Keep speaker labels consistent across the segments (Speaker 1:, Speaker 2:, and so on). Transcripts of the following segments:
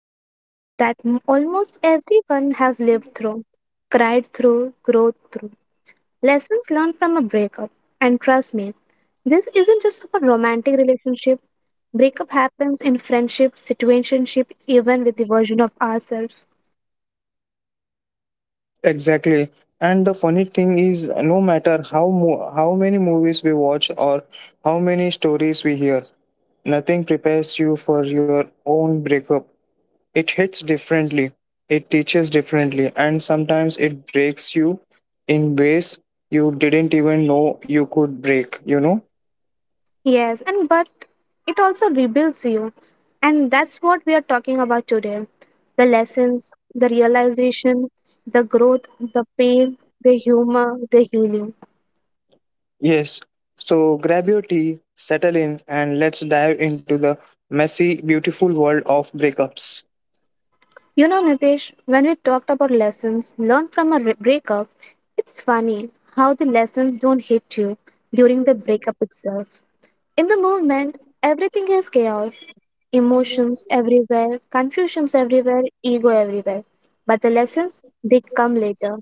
Speaker 1: is one that almost everyone has lived through, cried through, growth through, lessons learned from a breakup. And trust me, this isn't just a romantic relationship. Breakup happens in friendship, situationship, even with the version of ourselves.
Speaker 2: Exactly. And the funny thing is, no matter how many movies we watch or how many stories we hear, nothing prepares you for your own breakup. It hits differently, it teaches differently, and sometimes it breaks you in ways you didn't even know you could break, you know?
Speaker 1: Yes, and but it also rebuilds you. And that's what we are talking about today. The lessons, the realization, the growth, the pain, the humor, the healing.
Speaker 2: Yes. So grab your tea, settle in, and let's dive into the messy, beautiful world of breakups.
Speaker 1: You know, Nitesh, when we talked about lessons learned from a breakup, it's funny how the lessons don't hit you during the breakup itself. In the movement, everything is chaos. Emotions everywhere, confusions everywhere, ego everywhere. But the lessons, they come later.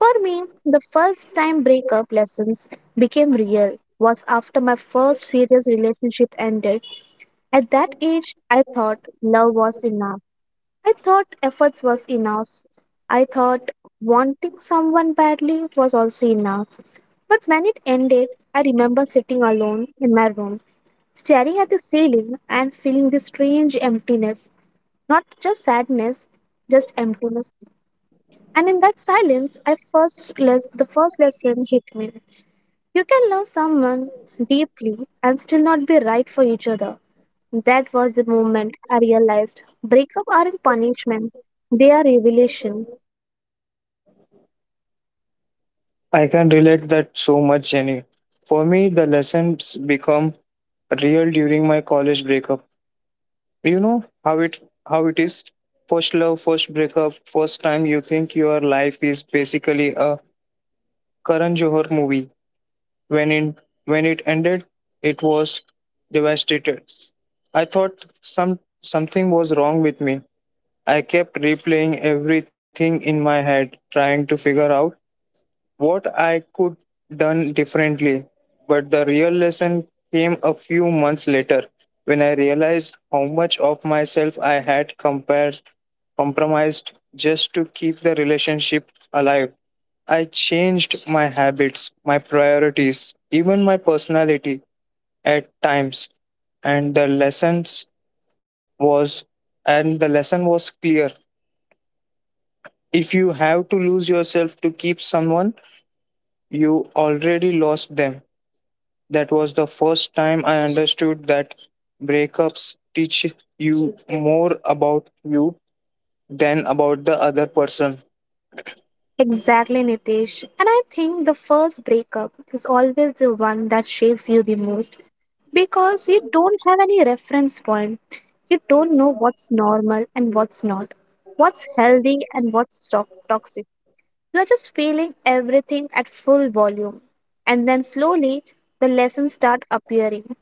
Speaker 1: For me, the first time breakup lessons became real was after my first serious relationship ended. At that age, I thought love was enough. I thought efforts was enough. I thought wanting someone badly was also enough. But when it ended, I remember sitting alone in my room, staring at the ceiling and feeling this strange emptiness. Not just sadness, just emptiness. And in that silence, the first lesson hit me. You can love someone deeply and still not be right for each other. That was the moment I realized breakup aren't punishment, they are revelation.
Speaker 2: I can relate that so much, Jenny. For me, the lessons become real during my college breakup. You know how it is. First love, first breakup, first time you think your life is basically a Karan Johar movie. When in when it ended, it was devastated. I thought something was wrong with me. I kept replaying everything in my head, trying to figure out what I could done differently. But the real lesson came a few months later when I realized how much of myself I had compared compromised just to keep the relationship alive. I changed my habits, my priorities, even my personality at times, and was the lesson was clear. If you have to lose yourself to keep someone, you already lost them. That was the first time I understood that breakups teach you more about you than about the other person.
Speaker 1: Exactly, Nitesh. And I think the first breakup is always the one that shakes you the most because you don't have any reference point. You don't know what's normal and what's not, what's healthy and toxic. You're just feeling everything at full volume. And then slowly the lessons start appearing.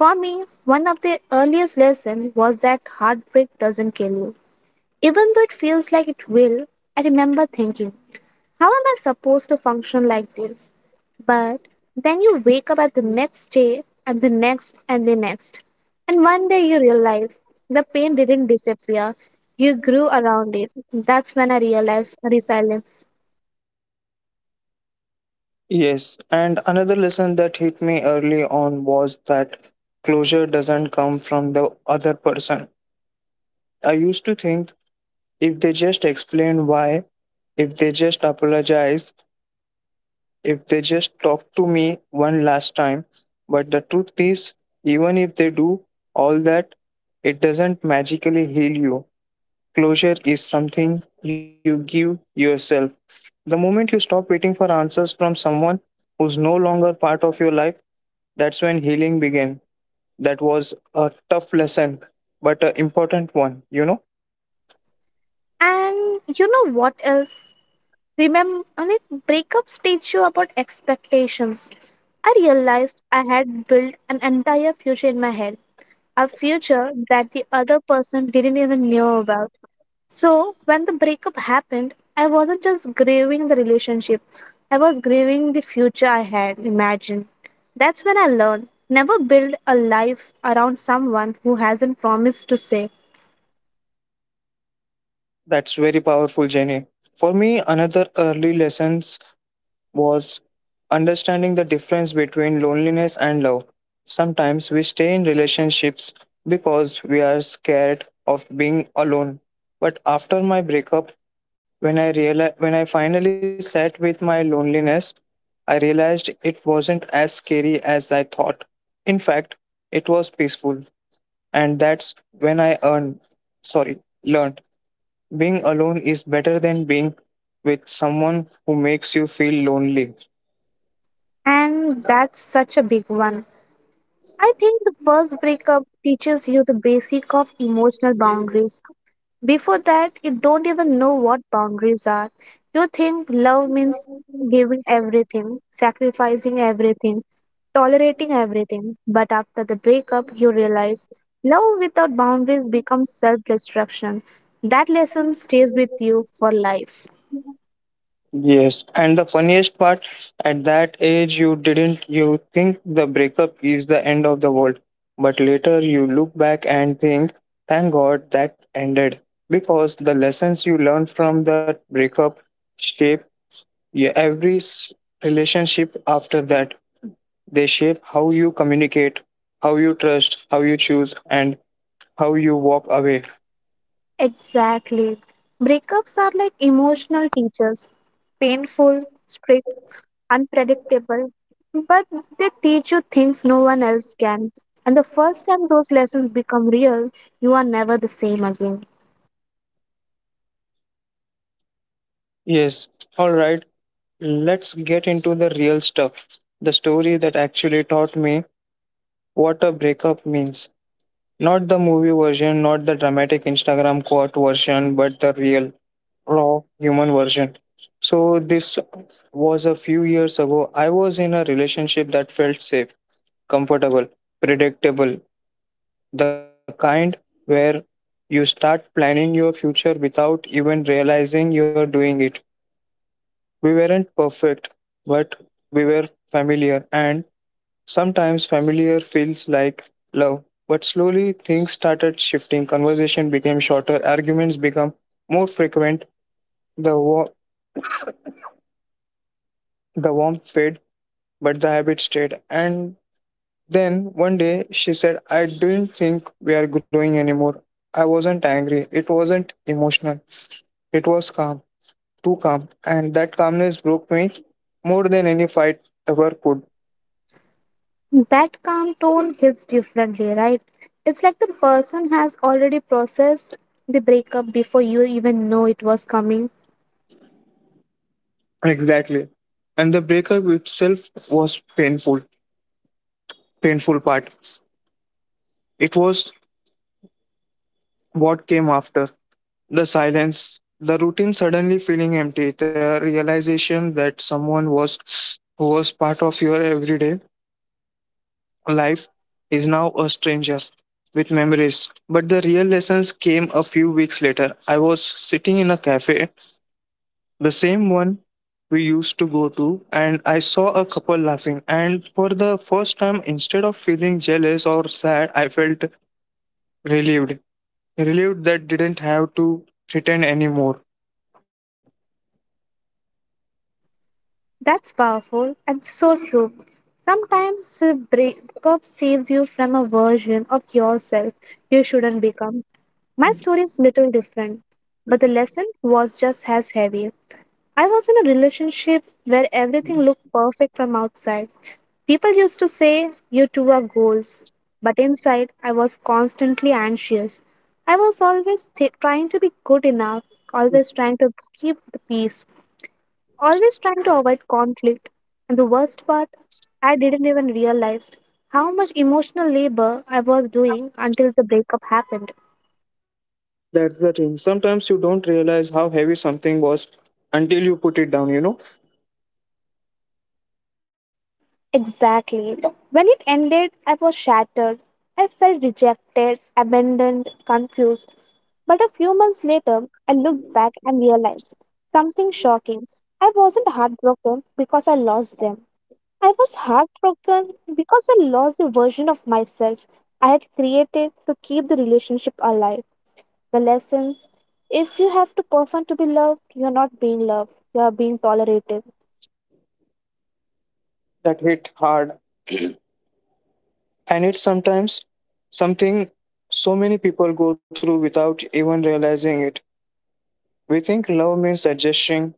Speaker 1: For me, one of the earliest lessons was that heartbreak doesn't kill you. Even though it feels like it will, I remember thinking, how am I supposed to function like this? But then you wake up at the next day and the next and the next. And one day you realize the pain didn't disappear. You grew around it. That's when I realized resilience.
Speaker 2: Yes, and another lesson that hit me early on was that closure doesn't come from the other person. I used to think if they just explain why, if they just apologize, if they just talk to me one last time. But the truth is, even if they do all that, it doesn't magically heal you. Closure is something you give yourself. The moment you stop waiting for answers from someone who's no longer part of your life, that's when healing began. That was a tough lesson, but an important one, you know?
Speaker 1: And you know what else? Remember, like breakups teach you about expectations. I realized I had built an entire future in my head, a future that the other person didn't even know about. So when the breakup happened, I wasn't just grieving the relationship, I was grieving the future I had imagined. That's when I learned never build a life around someone who hasn't promised to say.
Speaker 2: That's very powerful, Jenny. For me, another early lesson was understanding the difference between loneliness and love. Sometimes we stay in relationships because we are scared of being alone. But after my breakup, when I finally sat with my loneliness, I realized it wasn't as scary as I thought. In fact, it was peaceful, and that's when I earned, sorry, learned, being alone is better than being with someone who makes you feel lonely.
Speaker 1: And that's such a big one. I think the first breakup teaches you the basic of emotional boundaries. Before that, you don't even know what boundaries are. You think love means giving everything, sacrificing everything, tolerating everything. But after the breakup, you realize love without boundaries becomes self destruction. That lesson stays with you for life.
Speaker 2: Yes, and the funniest part, at that age, you didn't you think the breakup is the end of the world, but later you look back and think, thank God that ended, because the lessons you learned from that breakup shape your relationship after that. They shape how you communicate, how you trust, how you choose, and how you walk away.
Speaker 1: Exactly. Breakups are like emotional teachers, painful, strict, unpredictable, but they teach you things no one else can. And the first time those lessons become real, you are never the same again.
Speaker 2: Yes, all right, let's get into the real stuff. The story that actually taught me what a breakup means. Not the movie version, not the dramatic Instagram quote version, but the real, raw human version. So, this was a few years ago. I was in a relationship that felt safe, comfortable, predictable, the kind where you start planning your future without even realizing you're doing it. We weren't perfect, but we were familiar, and sometimes familiar feels like love. But slowly things started shifting. Conversation became shorter, arguments became more frequent, the, wa- the warmth faded, but the habit stayed. And then one day she said, I didn't think we are growing anymore. I wasn't angry. It wasn't emotional. It was calm, too calm. And that calmness broke me more than any fight ever could.
Speaker 1: That calm tone hits differently, right? It's like the person has already processed the breakup before you even know it was coming.
Speaker 2: Exactly. And the breakup itself was painful, painful part it was what came after: the silence, the routine suddenly feeling empty, the realization that someone was who was part of your everyday life is now a stranger with memories. But the real lessons came a few weeks later. I was sitting in a cafe, the same one we used to go to, and I saw a couple laughing. And for the first time, instead of feeling jealous or sad, I felt relieved. Relieved that didn't have to pretend anymore.
Speaker 1: That's powerful and so true. Sometimes a breakup saves you from a version of yourself you shouldn't become. My story is little different, but the lesson was just as heavy. I was in a relationship where everything looked perfect from outside. People used to say, "You two are goals." But inside, I was constantly anxious. I was trying to be good enough, always trying to keep the peace, always trying to avoid conflict. And the worst part, I didn't even realize how much emotional labor I was doing until the breakup happened.
Speaker 2: That's the thing. Sometimes you don't realize how heavy something was until you put it down, you know?
Speaker 1: Exactly. When it ended, I was shattered. I felt rejected, abandoned, confused. But a few months later, I looked back and realized something shocking. I wasn't heartbroken because I lost them. I was heartbroken because I lost the version of myself I had created to keep the relationship alive. The lessons, if you have to perform to be loved, you are not being loved, you are being tolerated.
Speaker 2: That hit hard. And it's sometimes something so many people go through without even realizing it. We think love means adjusting,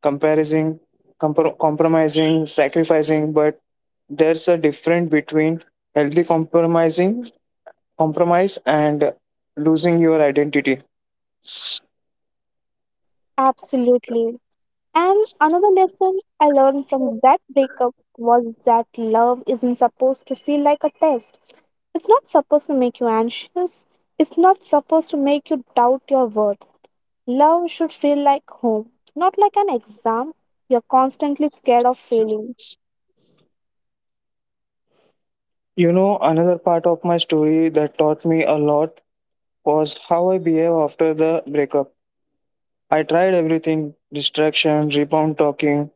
Speaker 2: comparing, compromising, sacrificing, but there's a difference between healthy compromising, compromise, and losing your identity.
Speaker 1: Absolutely. And another lesson I learned from that breakup was that love isn't supposed to feel like a test. It's not supposed to make you anxious, it's not supposed to make you doubt your worth. Love should feel like home, not like an exam you're constantly scared of failing.
Speaker 2: You know, another part of my story that taught me a lot was how I behave after the breakup. I tried everything: distraction, rebound talking,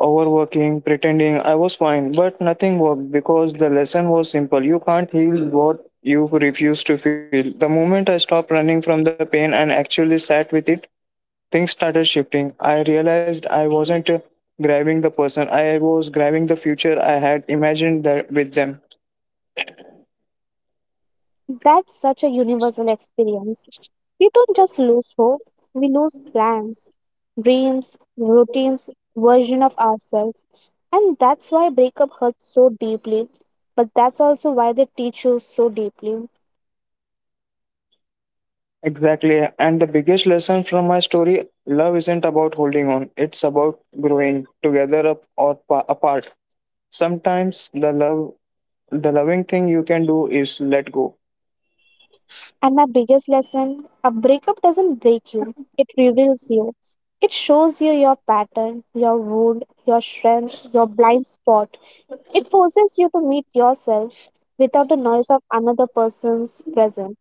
Speaker 2: overworking, pretending I was fine, but nothing worked because the lesson was simple. You can't heal what you refuse to feel. The moment I stopped running from the pain and actually sat with it, things started shifting. I realized I wasn't grabbing the person, I was grabbing the future I had imagined that with them.
Speaker 1: That's such a universal experience. We don't just lose hope, we lose plans, dreams, routines, version of ourselves. And that's why breakup hurts so deeply. But that's also why they teach you so deeply.
Speaker 2: Exactly. And the biggest lesson from my story: love isn't about holding on, it's about growing together, up or apart. Sometimes the love, the loving thing you can do is let go.
Speaker 1: And my biggest lesson, a breakup doesn't break you, it reveals you. It shows you your pattern, your wound, your strength, your blind spot. It forces you to meet yourself without the noise of another person's presence.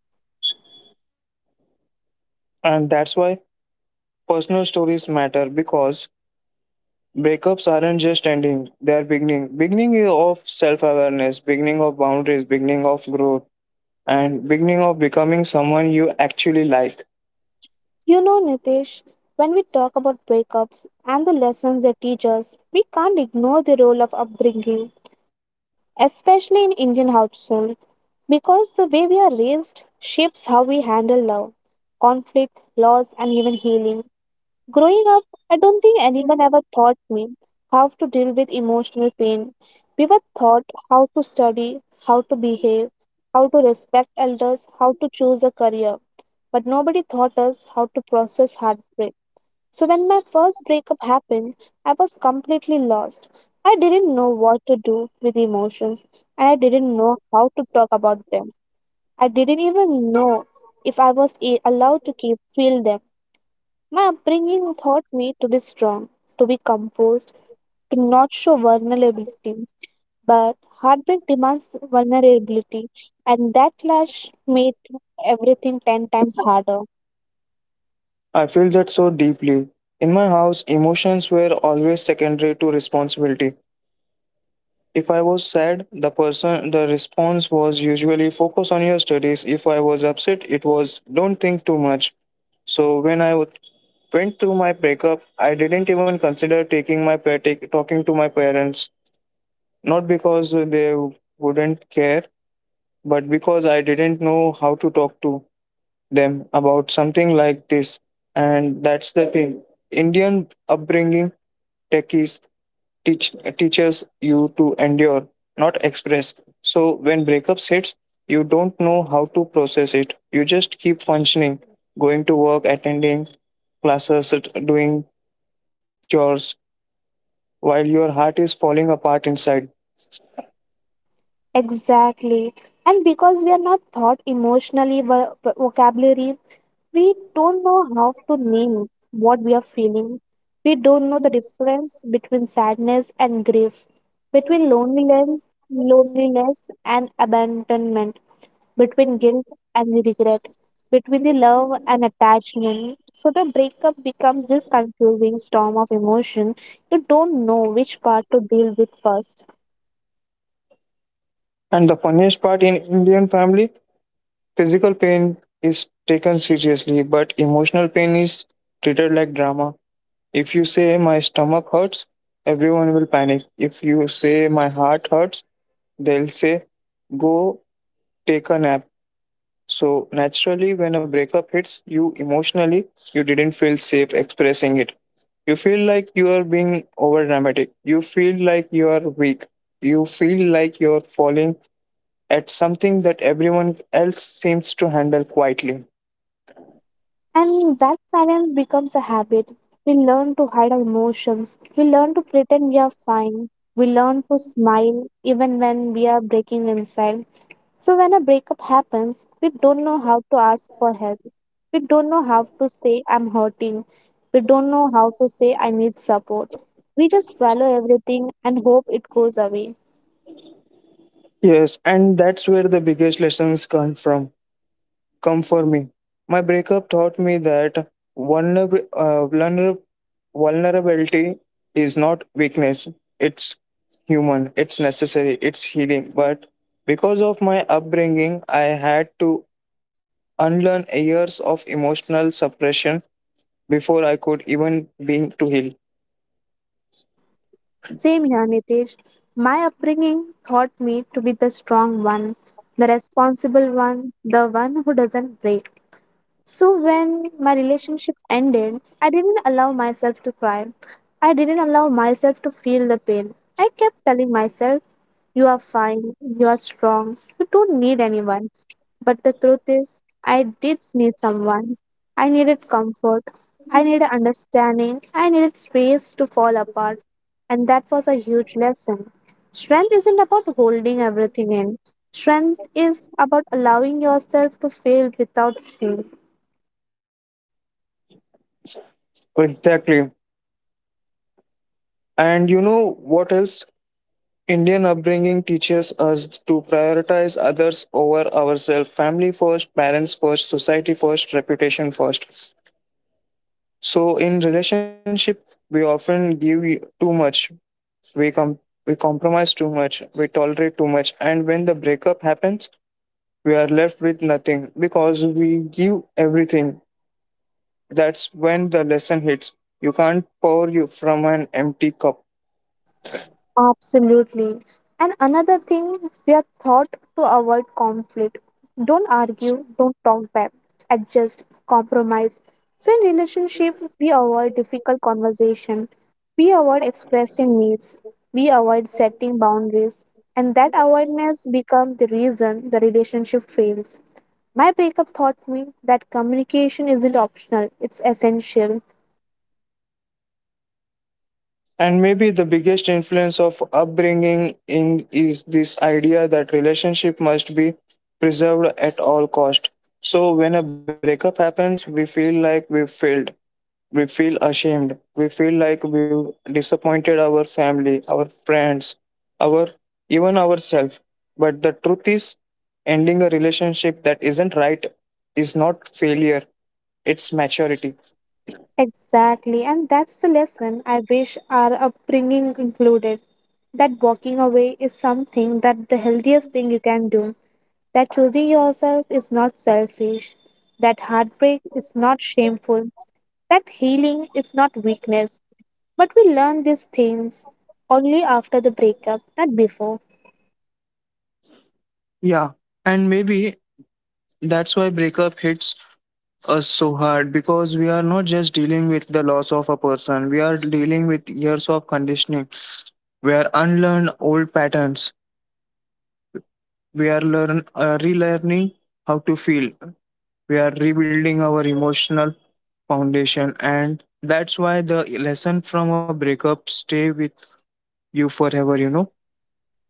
Speaker 2: And that's why personal stories matter, because breakups aren't just ending, they're beginning. Beginning is of self awareness, beginning of boundaries, beginning of growth, and beginning of becoming someone you actually like.
Speaker 1: You know, Nitish, when we talk about breakups and the lessons they teach us, we can't ignore the role of upbringing, especially in Indian households. Because the way we are raised shapes how we handle love, conflict, loss, and even healing. Growing up, I don't think anyone ever taught me how to deal with emotional pain. We were taught how to study, how to behave, how to respect elders, how to choose a career. But nobody taught us how to process heartbreak. So when my first breakup happened, I was completely lost. I didn't know what to do with emotions and I didn't know how to talk about them. I didn't even know if I was allowed to keep feel them. My upbringing taught me to be strong, to be composed, to not show vulnerability. But heartbreak demands vulnerability and that clash made everything 10 times harder.
Speaker 2: I feel that so deeply. In my house, emotions were always secondary to responsibility. If I was sad, the response was usually focus on your studies. If I was upset, it was don't think too much. So went through my breakup, I didn't even consider taking my pa- take- talking to my parents, not because they wouldn't care, but because I didn't know how to talk to them about something like this. And that's the thing. Indian upbringing techies teach teaches you to endure, not express. So when breakups hits, you don't know how to process it. You just keep functioning, going to work, attending classes, doing chores, while your heart is falling apart inside.
Speaker 1: Exactly. And because we are not taught emotionally vocabulary, we don't know how to name what we are feeling. We don't know the difference between sadness and grief, between loneliness and abandonment, between guilt and regret, between the love and attachment. So the breakup becomes this confusing storm of emotion. You don't know which part to deal with first.
Speaker 2: And the funniest part, in Indian family, physical pain is taken seriously, but emotional pain is treated like drama. If you say my stomach hurts, everyone will panic. If you say my heart hurts, they'll say, go take a nap. So, naturally, when a breakup hits you emotionally, you didn't feel safe expressing it. You feel like you are being over dramatic. You feel like you are weak. You feel like you're falling at something that everyone else seems to handle quietly.
Speaker 1: And that silence becomes a habit. We learn to hide our emotions. We learn to pretend we are fine. We learn to smile even when we are breaking inside. So, when a breakup happens, we don't know how to ask for help. We don't know how to say, I'm hurting. We don't know how to say, I need support. We just swallow everything and hope it goes away.
Speaker 2: Yes, and that's where the biggest lessons come for me. My breakup taught me that vulner- uh, vulner- vulnerability is not weakness, it's human, it's necessary, it's healing. But because of my upbringing, I had to unlearn years of emotional suppression before I could even begin to heal.
Speaker 1: Same here, Nitesh. My upbringing taught me to be the strong one, the responsible one, the one who doesn't break. So when my relationship ended, I didn't allow myself to cry. I didn't allow myself to feel the pain. I kept telling myself, you are fine, you are strong, you don't need anyone. But the truth is, I did need someone. I needed comfort. I needed understanding. I needed space to fall apart. And that was a huge lesson. Strength isn't about holding everything in. Strength is about allowing yourself to fail without shame.
Speaker 2: Exactly. And you know what else? Indian upbringing teaches us to prioritize others over ourselves, family first, parents first, society first, reputation first. So in relationship, we often give too much. We we compromise too much. We tolerate too much, and when the breakup happens, we are left with nothing because we give everything. That's when the lesson hits. You can't pour you from an empty cup.
Speaker 1: Absolutely. And another thing, we are taught to avoid conflict. Don't argue, don't talk back, adjust, compromise. So in relationship, we avoid difficult conversation. We avoid expressing needs. We avoid setting boundaries. And that avoidance becomes the reason the relationship fails. My breakup taught me that communication isn't optional, it's essential.
Speaker 2: And maybe the biggest influence of upbringing in is this idea that relationship must be preserved at all cost. So when a breakup happens, we feel like we failed. We feel ashamed. We feel like we disappointed our family, our friends, our, even ourselves. But the truth is, ending a relationship that isn't right is not failure. It's maturity.
Speaker 1: Exactly, and that's the lesson I wish our upbringing included. That walking away is something that the healthiest thing you can do. That choosing yourself is not selfish. That heartbreak is not shameful. That healing is not weakness. But we learn these things only after the breakup, not before.
Speaker 2: Yeah, and maybe that's why breakup hits us so hard, because we are not just dealing with the loss of a person, we are dealing with years of conditioning. We are unlearn old patterns. We are learn relearning how to feel. We are rebuilding our emotional foundation, and that's why the lesson from a breakup stay with you forever, you know.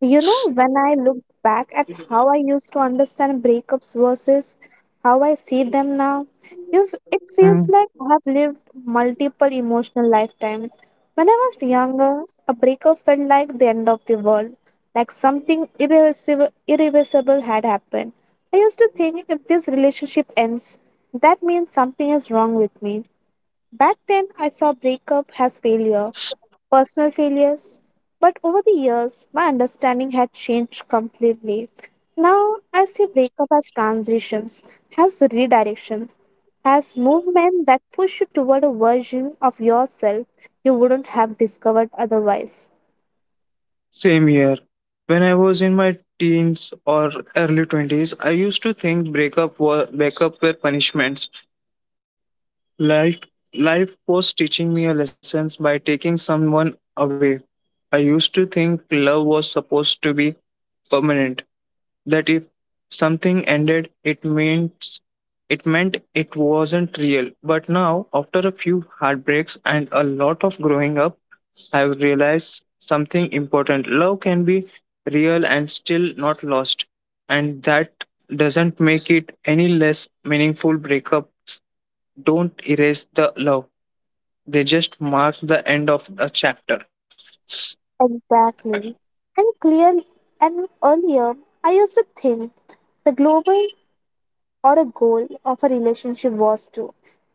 Speaker 1: You know, when I look back at how I used to understand breakups versus how I see them now, it feels
Speaker 2: Mm.
Speaker 1: like I have lived multiple emotional lifetimes. When I was younger, a breakup felt like the end of the world, like something irreversible had happened. I used to think if this relationship ends, that means something is wrong with me. Back then, I saw breakup as failure, personal failures. But over the years, my understanding had changed completely. Now, I see breakup as transitions, as redirection, as movement that push you toward a version of yourself you wouldn't have discovered otherwise.
Speaker 2: Same here. When I was in my teens or early 20s, I used to think breakup were punishments. Life Life was teaching me a lessons by taking someone away. I used to think love was supposed to be permanent, that if something ended it meant it wasn't real. But now, after a few heartbreaks and a lot of growing up, I've realized something important. Love can be real and still not lost. And that doesn't make it any less meaningful. Breakup don't erase the love. They just mark the end of a chapter.
Speaker 1: Exactly. And clear and earlier, I used to think the global or a goal of a relationship was to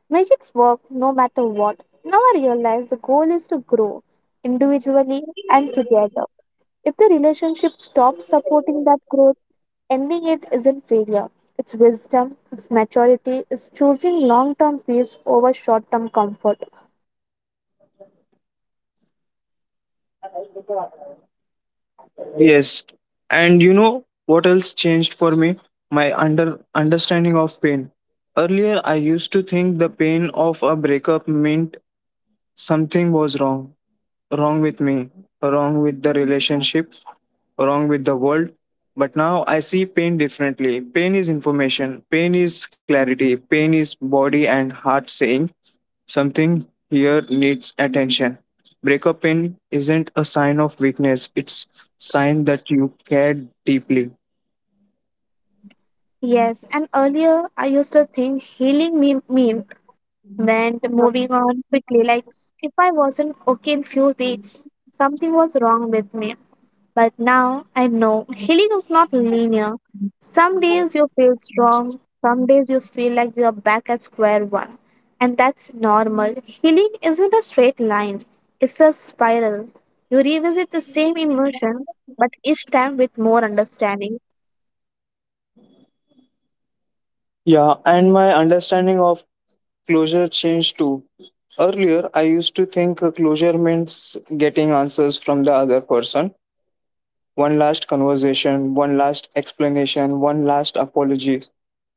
Speaker 1: make it work no matter what. Now I realize the goal is to grow individually and together. If the relationship stops supporting that growth, ending it isn't failure. It's wisdom, it's maturity, it's choosing long term peace over short term comfort.
Speaker 2: Yes. And you know what else changed for me? My understanding of pain. Earlier I used to think the pain of a breakup meant something was wrong. Wrong with me, wrong with the relationship, wrong with the world. But now I see pain differently. Pain is information, pain is clarity, pain is body and heart saying something here needs attention. Breakup pain isn't a sign of weakness, it's sign that you care deeply.
Speaker 1: Yes, and earlier I used to think healing meant moving on quickly. Like if I wasn't okay in few weeks, something was wrong with me. But now I know healing is not linear. Some days you feel strong, some days you feel like you are back at square one. And that's normal. Healing isn't a straight line, it's a spiral. You revisit the same emotion, but each time with more understanding.
Speaker 2: Yeah, and my understanding of closure changed too. Earlier, I used to think closure means getting answers from the other person. One last conversation, one last explanation, one last apology.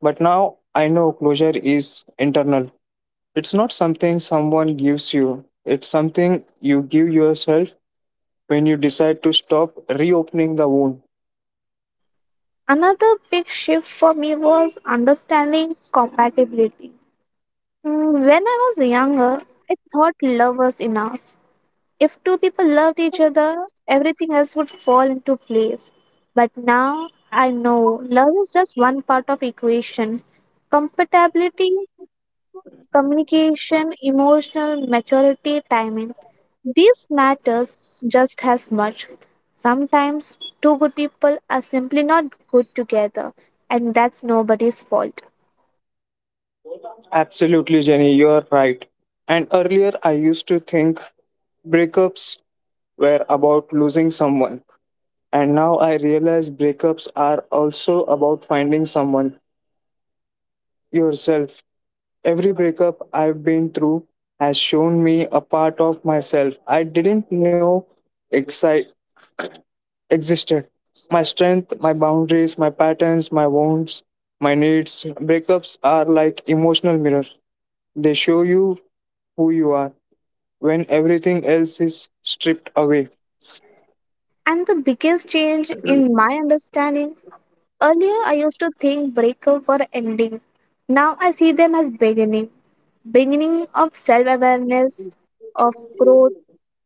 Speaker 2: But now I know closure is internal. It's not something someone gives you, it's something you give yourself when you decide to stop reopening the wound.
Speaker 1: Another big shift for me was understanding compatibility. When I was younger, I thought love was enough. If two people loved each other, everything else would fall into place. But now I know love is just one part of equation. Compatibility, communication, emotional maturity, timing. These matters just as much. Sometimes two good people are simply not good together, and that's nobody's fault.
Speaker 2: Absolutely, Jenny, you're right. And earlier, I used to think breakups were about losing someone. And now I realize breakups are also about finding someone, yourself. Every breakup I've been through has shown me a part of myself I didn't know exi- existed. My strength, my boundaries, my patterns, my wounds, my needs. Breakups are like emotional mirrors. They show you who you are when everything else is stripped away.
Speaker 1: And the biggest change in my understanding, earlier, I used to think breakup were ending. Now I see them as beginning. Beginning of self awareness, of growth,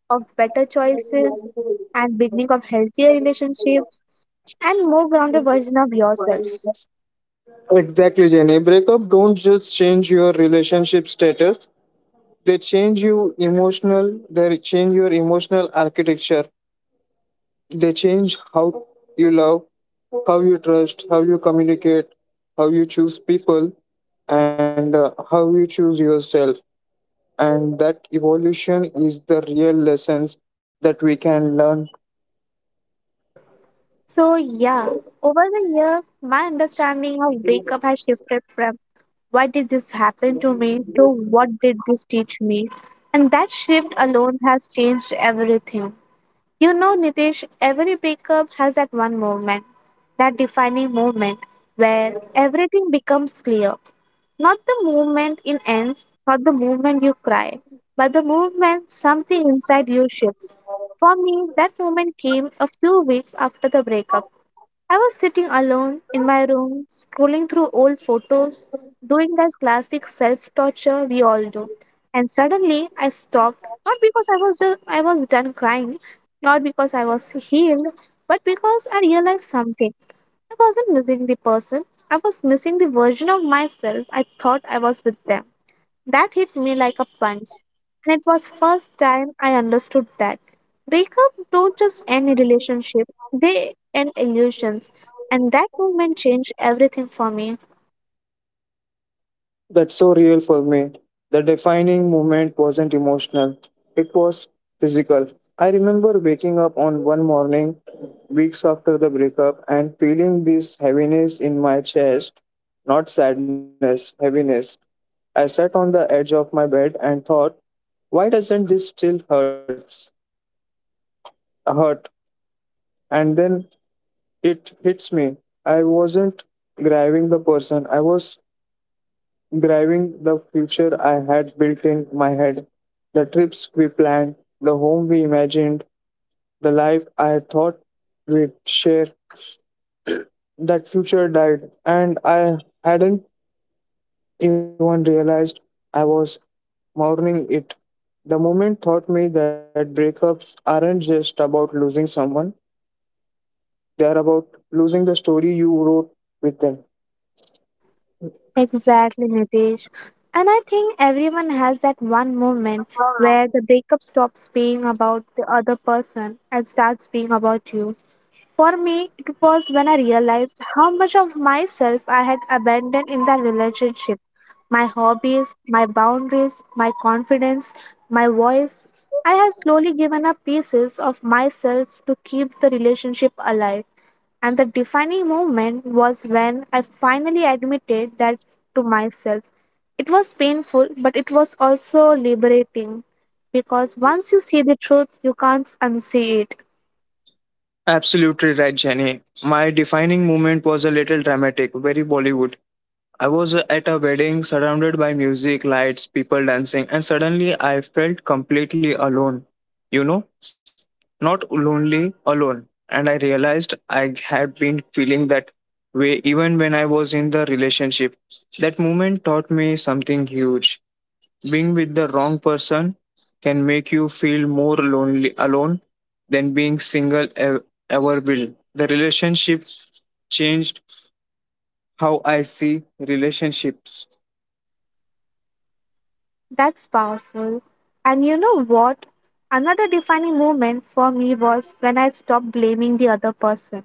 Speaker 1: of better choices, and beginning of healthier relationship and more grounded version of yourself.
Speaker 2: Exactly, Jenny. Breakup don't just change your relationship status. They change your emotional architecture. They change how you love, how you trust, how you communicate, how you choose people, and how you choose yourself. And that evolution is the real lessons that we can learn.
Speaker 1: So yeah, over the years, my understanding of breakup has shifted from why did this happen to me to what did this teach me? And that shift alone has changed everything. You know, Nitish, every breakup has that one moment, that defining moment where everything becomes clear. Not the moment in ends, not the moment you cry, but the moment something inside you shifts. For me, that moment came a few weeks after the breakup. I was sitting alone in my room, scrolling through old photos, doing that classic self torture we all do. And suddenly I stopped, not because I was done crying, not because I was healed, but because I realized something. I wasn't missing the person, I was missing the version of myself I thought I was with them. That hit me like a punch. And it was first time I understood that. Breakup don't just end a relationship, they end illusions. And that moment changed everything for me.
Speaker 2: That's so real for me. The defining moment wasn't emotional, it was physical. I remember waking up on one morning, weeks after the breakup, and feeling this heaviness in my chest, not sadness, heaviness. I sat on the edge of my bed and thought, why doesn't this still hurts, hurt? And then it hits me. I wasn't grieving the person, I was driving the future I had built in my head, the trips we planned, the home we imagined, the life I thought we'd share. That future died, and I hadn't even realized I was mourning it. The moment taught me that breakups aren't just about losing someone, they are about losing the story you wrote with them.
Speaker 1: Exactly, Nitesh. And I think everyone has that one moment where the breakup stops being about the other person and starts being about you. For me, it was when I realized how much of myself I had abandoned in that relationship, my hobbies, my boundaries, my confidence, my voice. I had slowly given up pieces of myself to keep the relationship alive. And the defining moment was when I finally admitted that to myself. It was painful, but it was also liberating because once you see the truth, you can't unsee it.
Speaker 2: Absolutely right, Jenny. My defining moment was a little dramatic, very Bollywood. I was at a wedding surrounded by music, lights, people dancing, and suddenly I felt completely alone. You know, not lonely, alone. And I realized I had been feeling that way even when I was in the relationship. That moment taught me something huge. Being with the wrong person can make you feel more lonely alone than being single ever will. The relationship changed how I see relationships.
Speaker 1: That's powerful. And you know what? Another defining moment for me was when I stopped blaming the other person.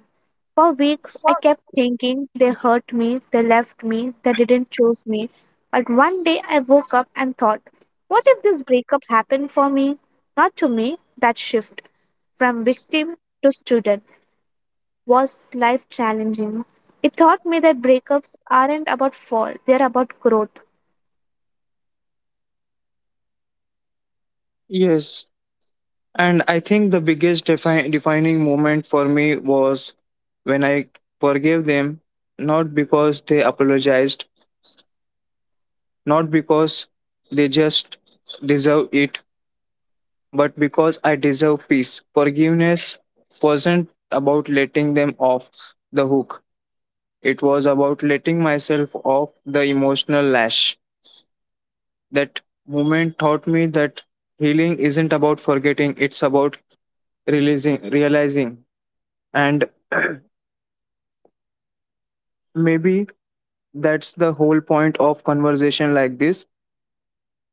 Speaker 1: For weeks, I kept thinking they hurt me, they left me, they didn't choose me. But one day I woke up and thought, what if this breakup happened for me? Not to me, that shift from victim to student was life challenging. It taught me that breakups aren't about fault, they're about growth.
Speaker 2: Yes, and I think the biggest defining moment for me was when I forgave them, not because they apologized, not because they just deserve it, but because I deserve peace. Forgiveness wasn't about letting them off the hook, it was about letting myself off the emotional lash. That moment taught me that healing isn't about forgetting, it's about realizing. And maybe that's the whole point of conversation like this,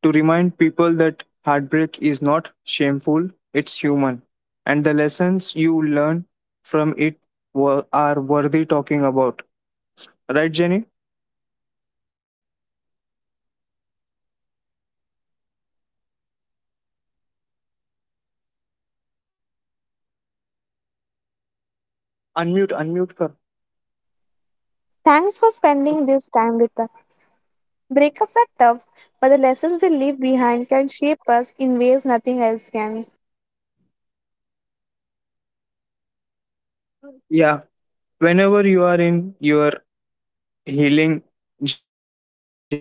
Speaker 2: to remind people that heartbreak is not shameful, it's human. And the lessons you learn from it are worthy talking about. Right, Jenny? Unmute, unmute. Kar.
Speaker 1: Thanks for spending this time with us. Breakups are tough, but the lessons they leave behind can shape us in ways nothing else can.
Speaker 2: Yeah. Whenever you are in your healing journey,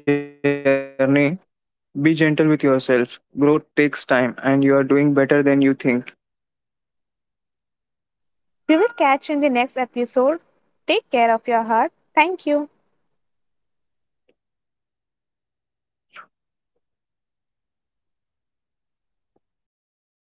Speaker 2: be gentle with yourself. Growth takes time, and you are doing better than you think.
Speaker 1: We will catch you in the next episode. Take care of your heart. Thank you.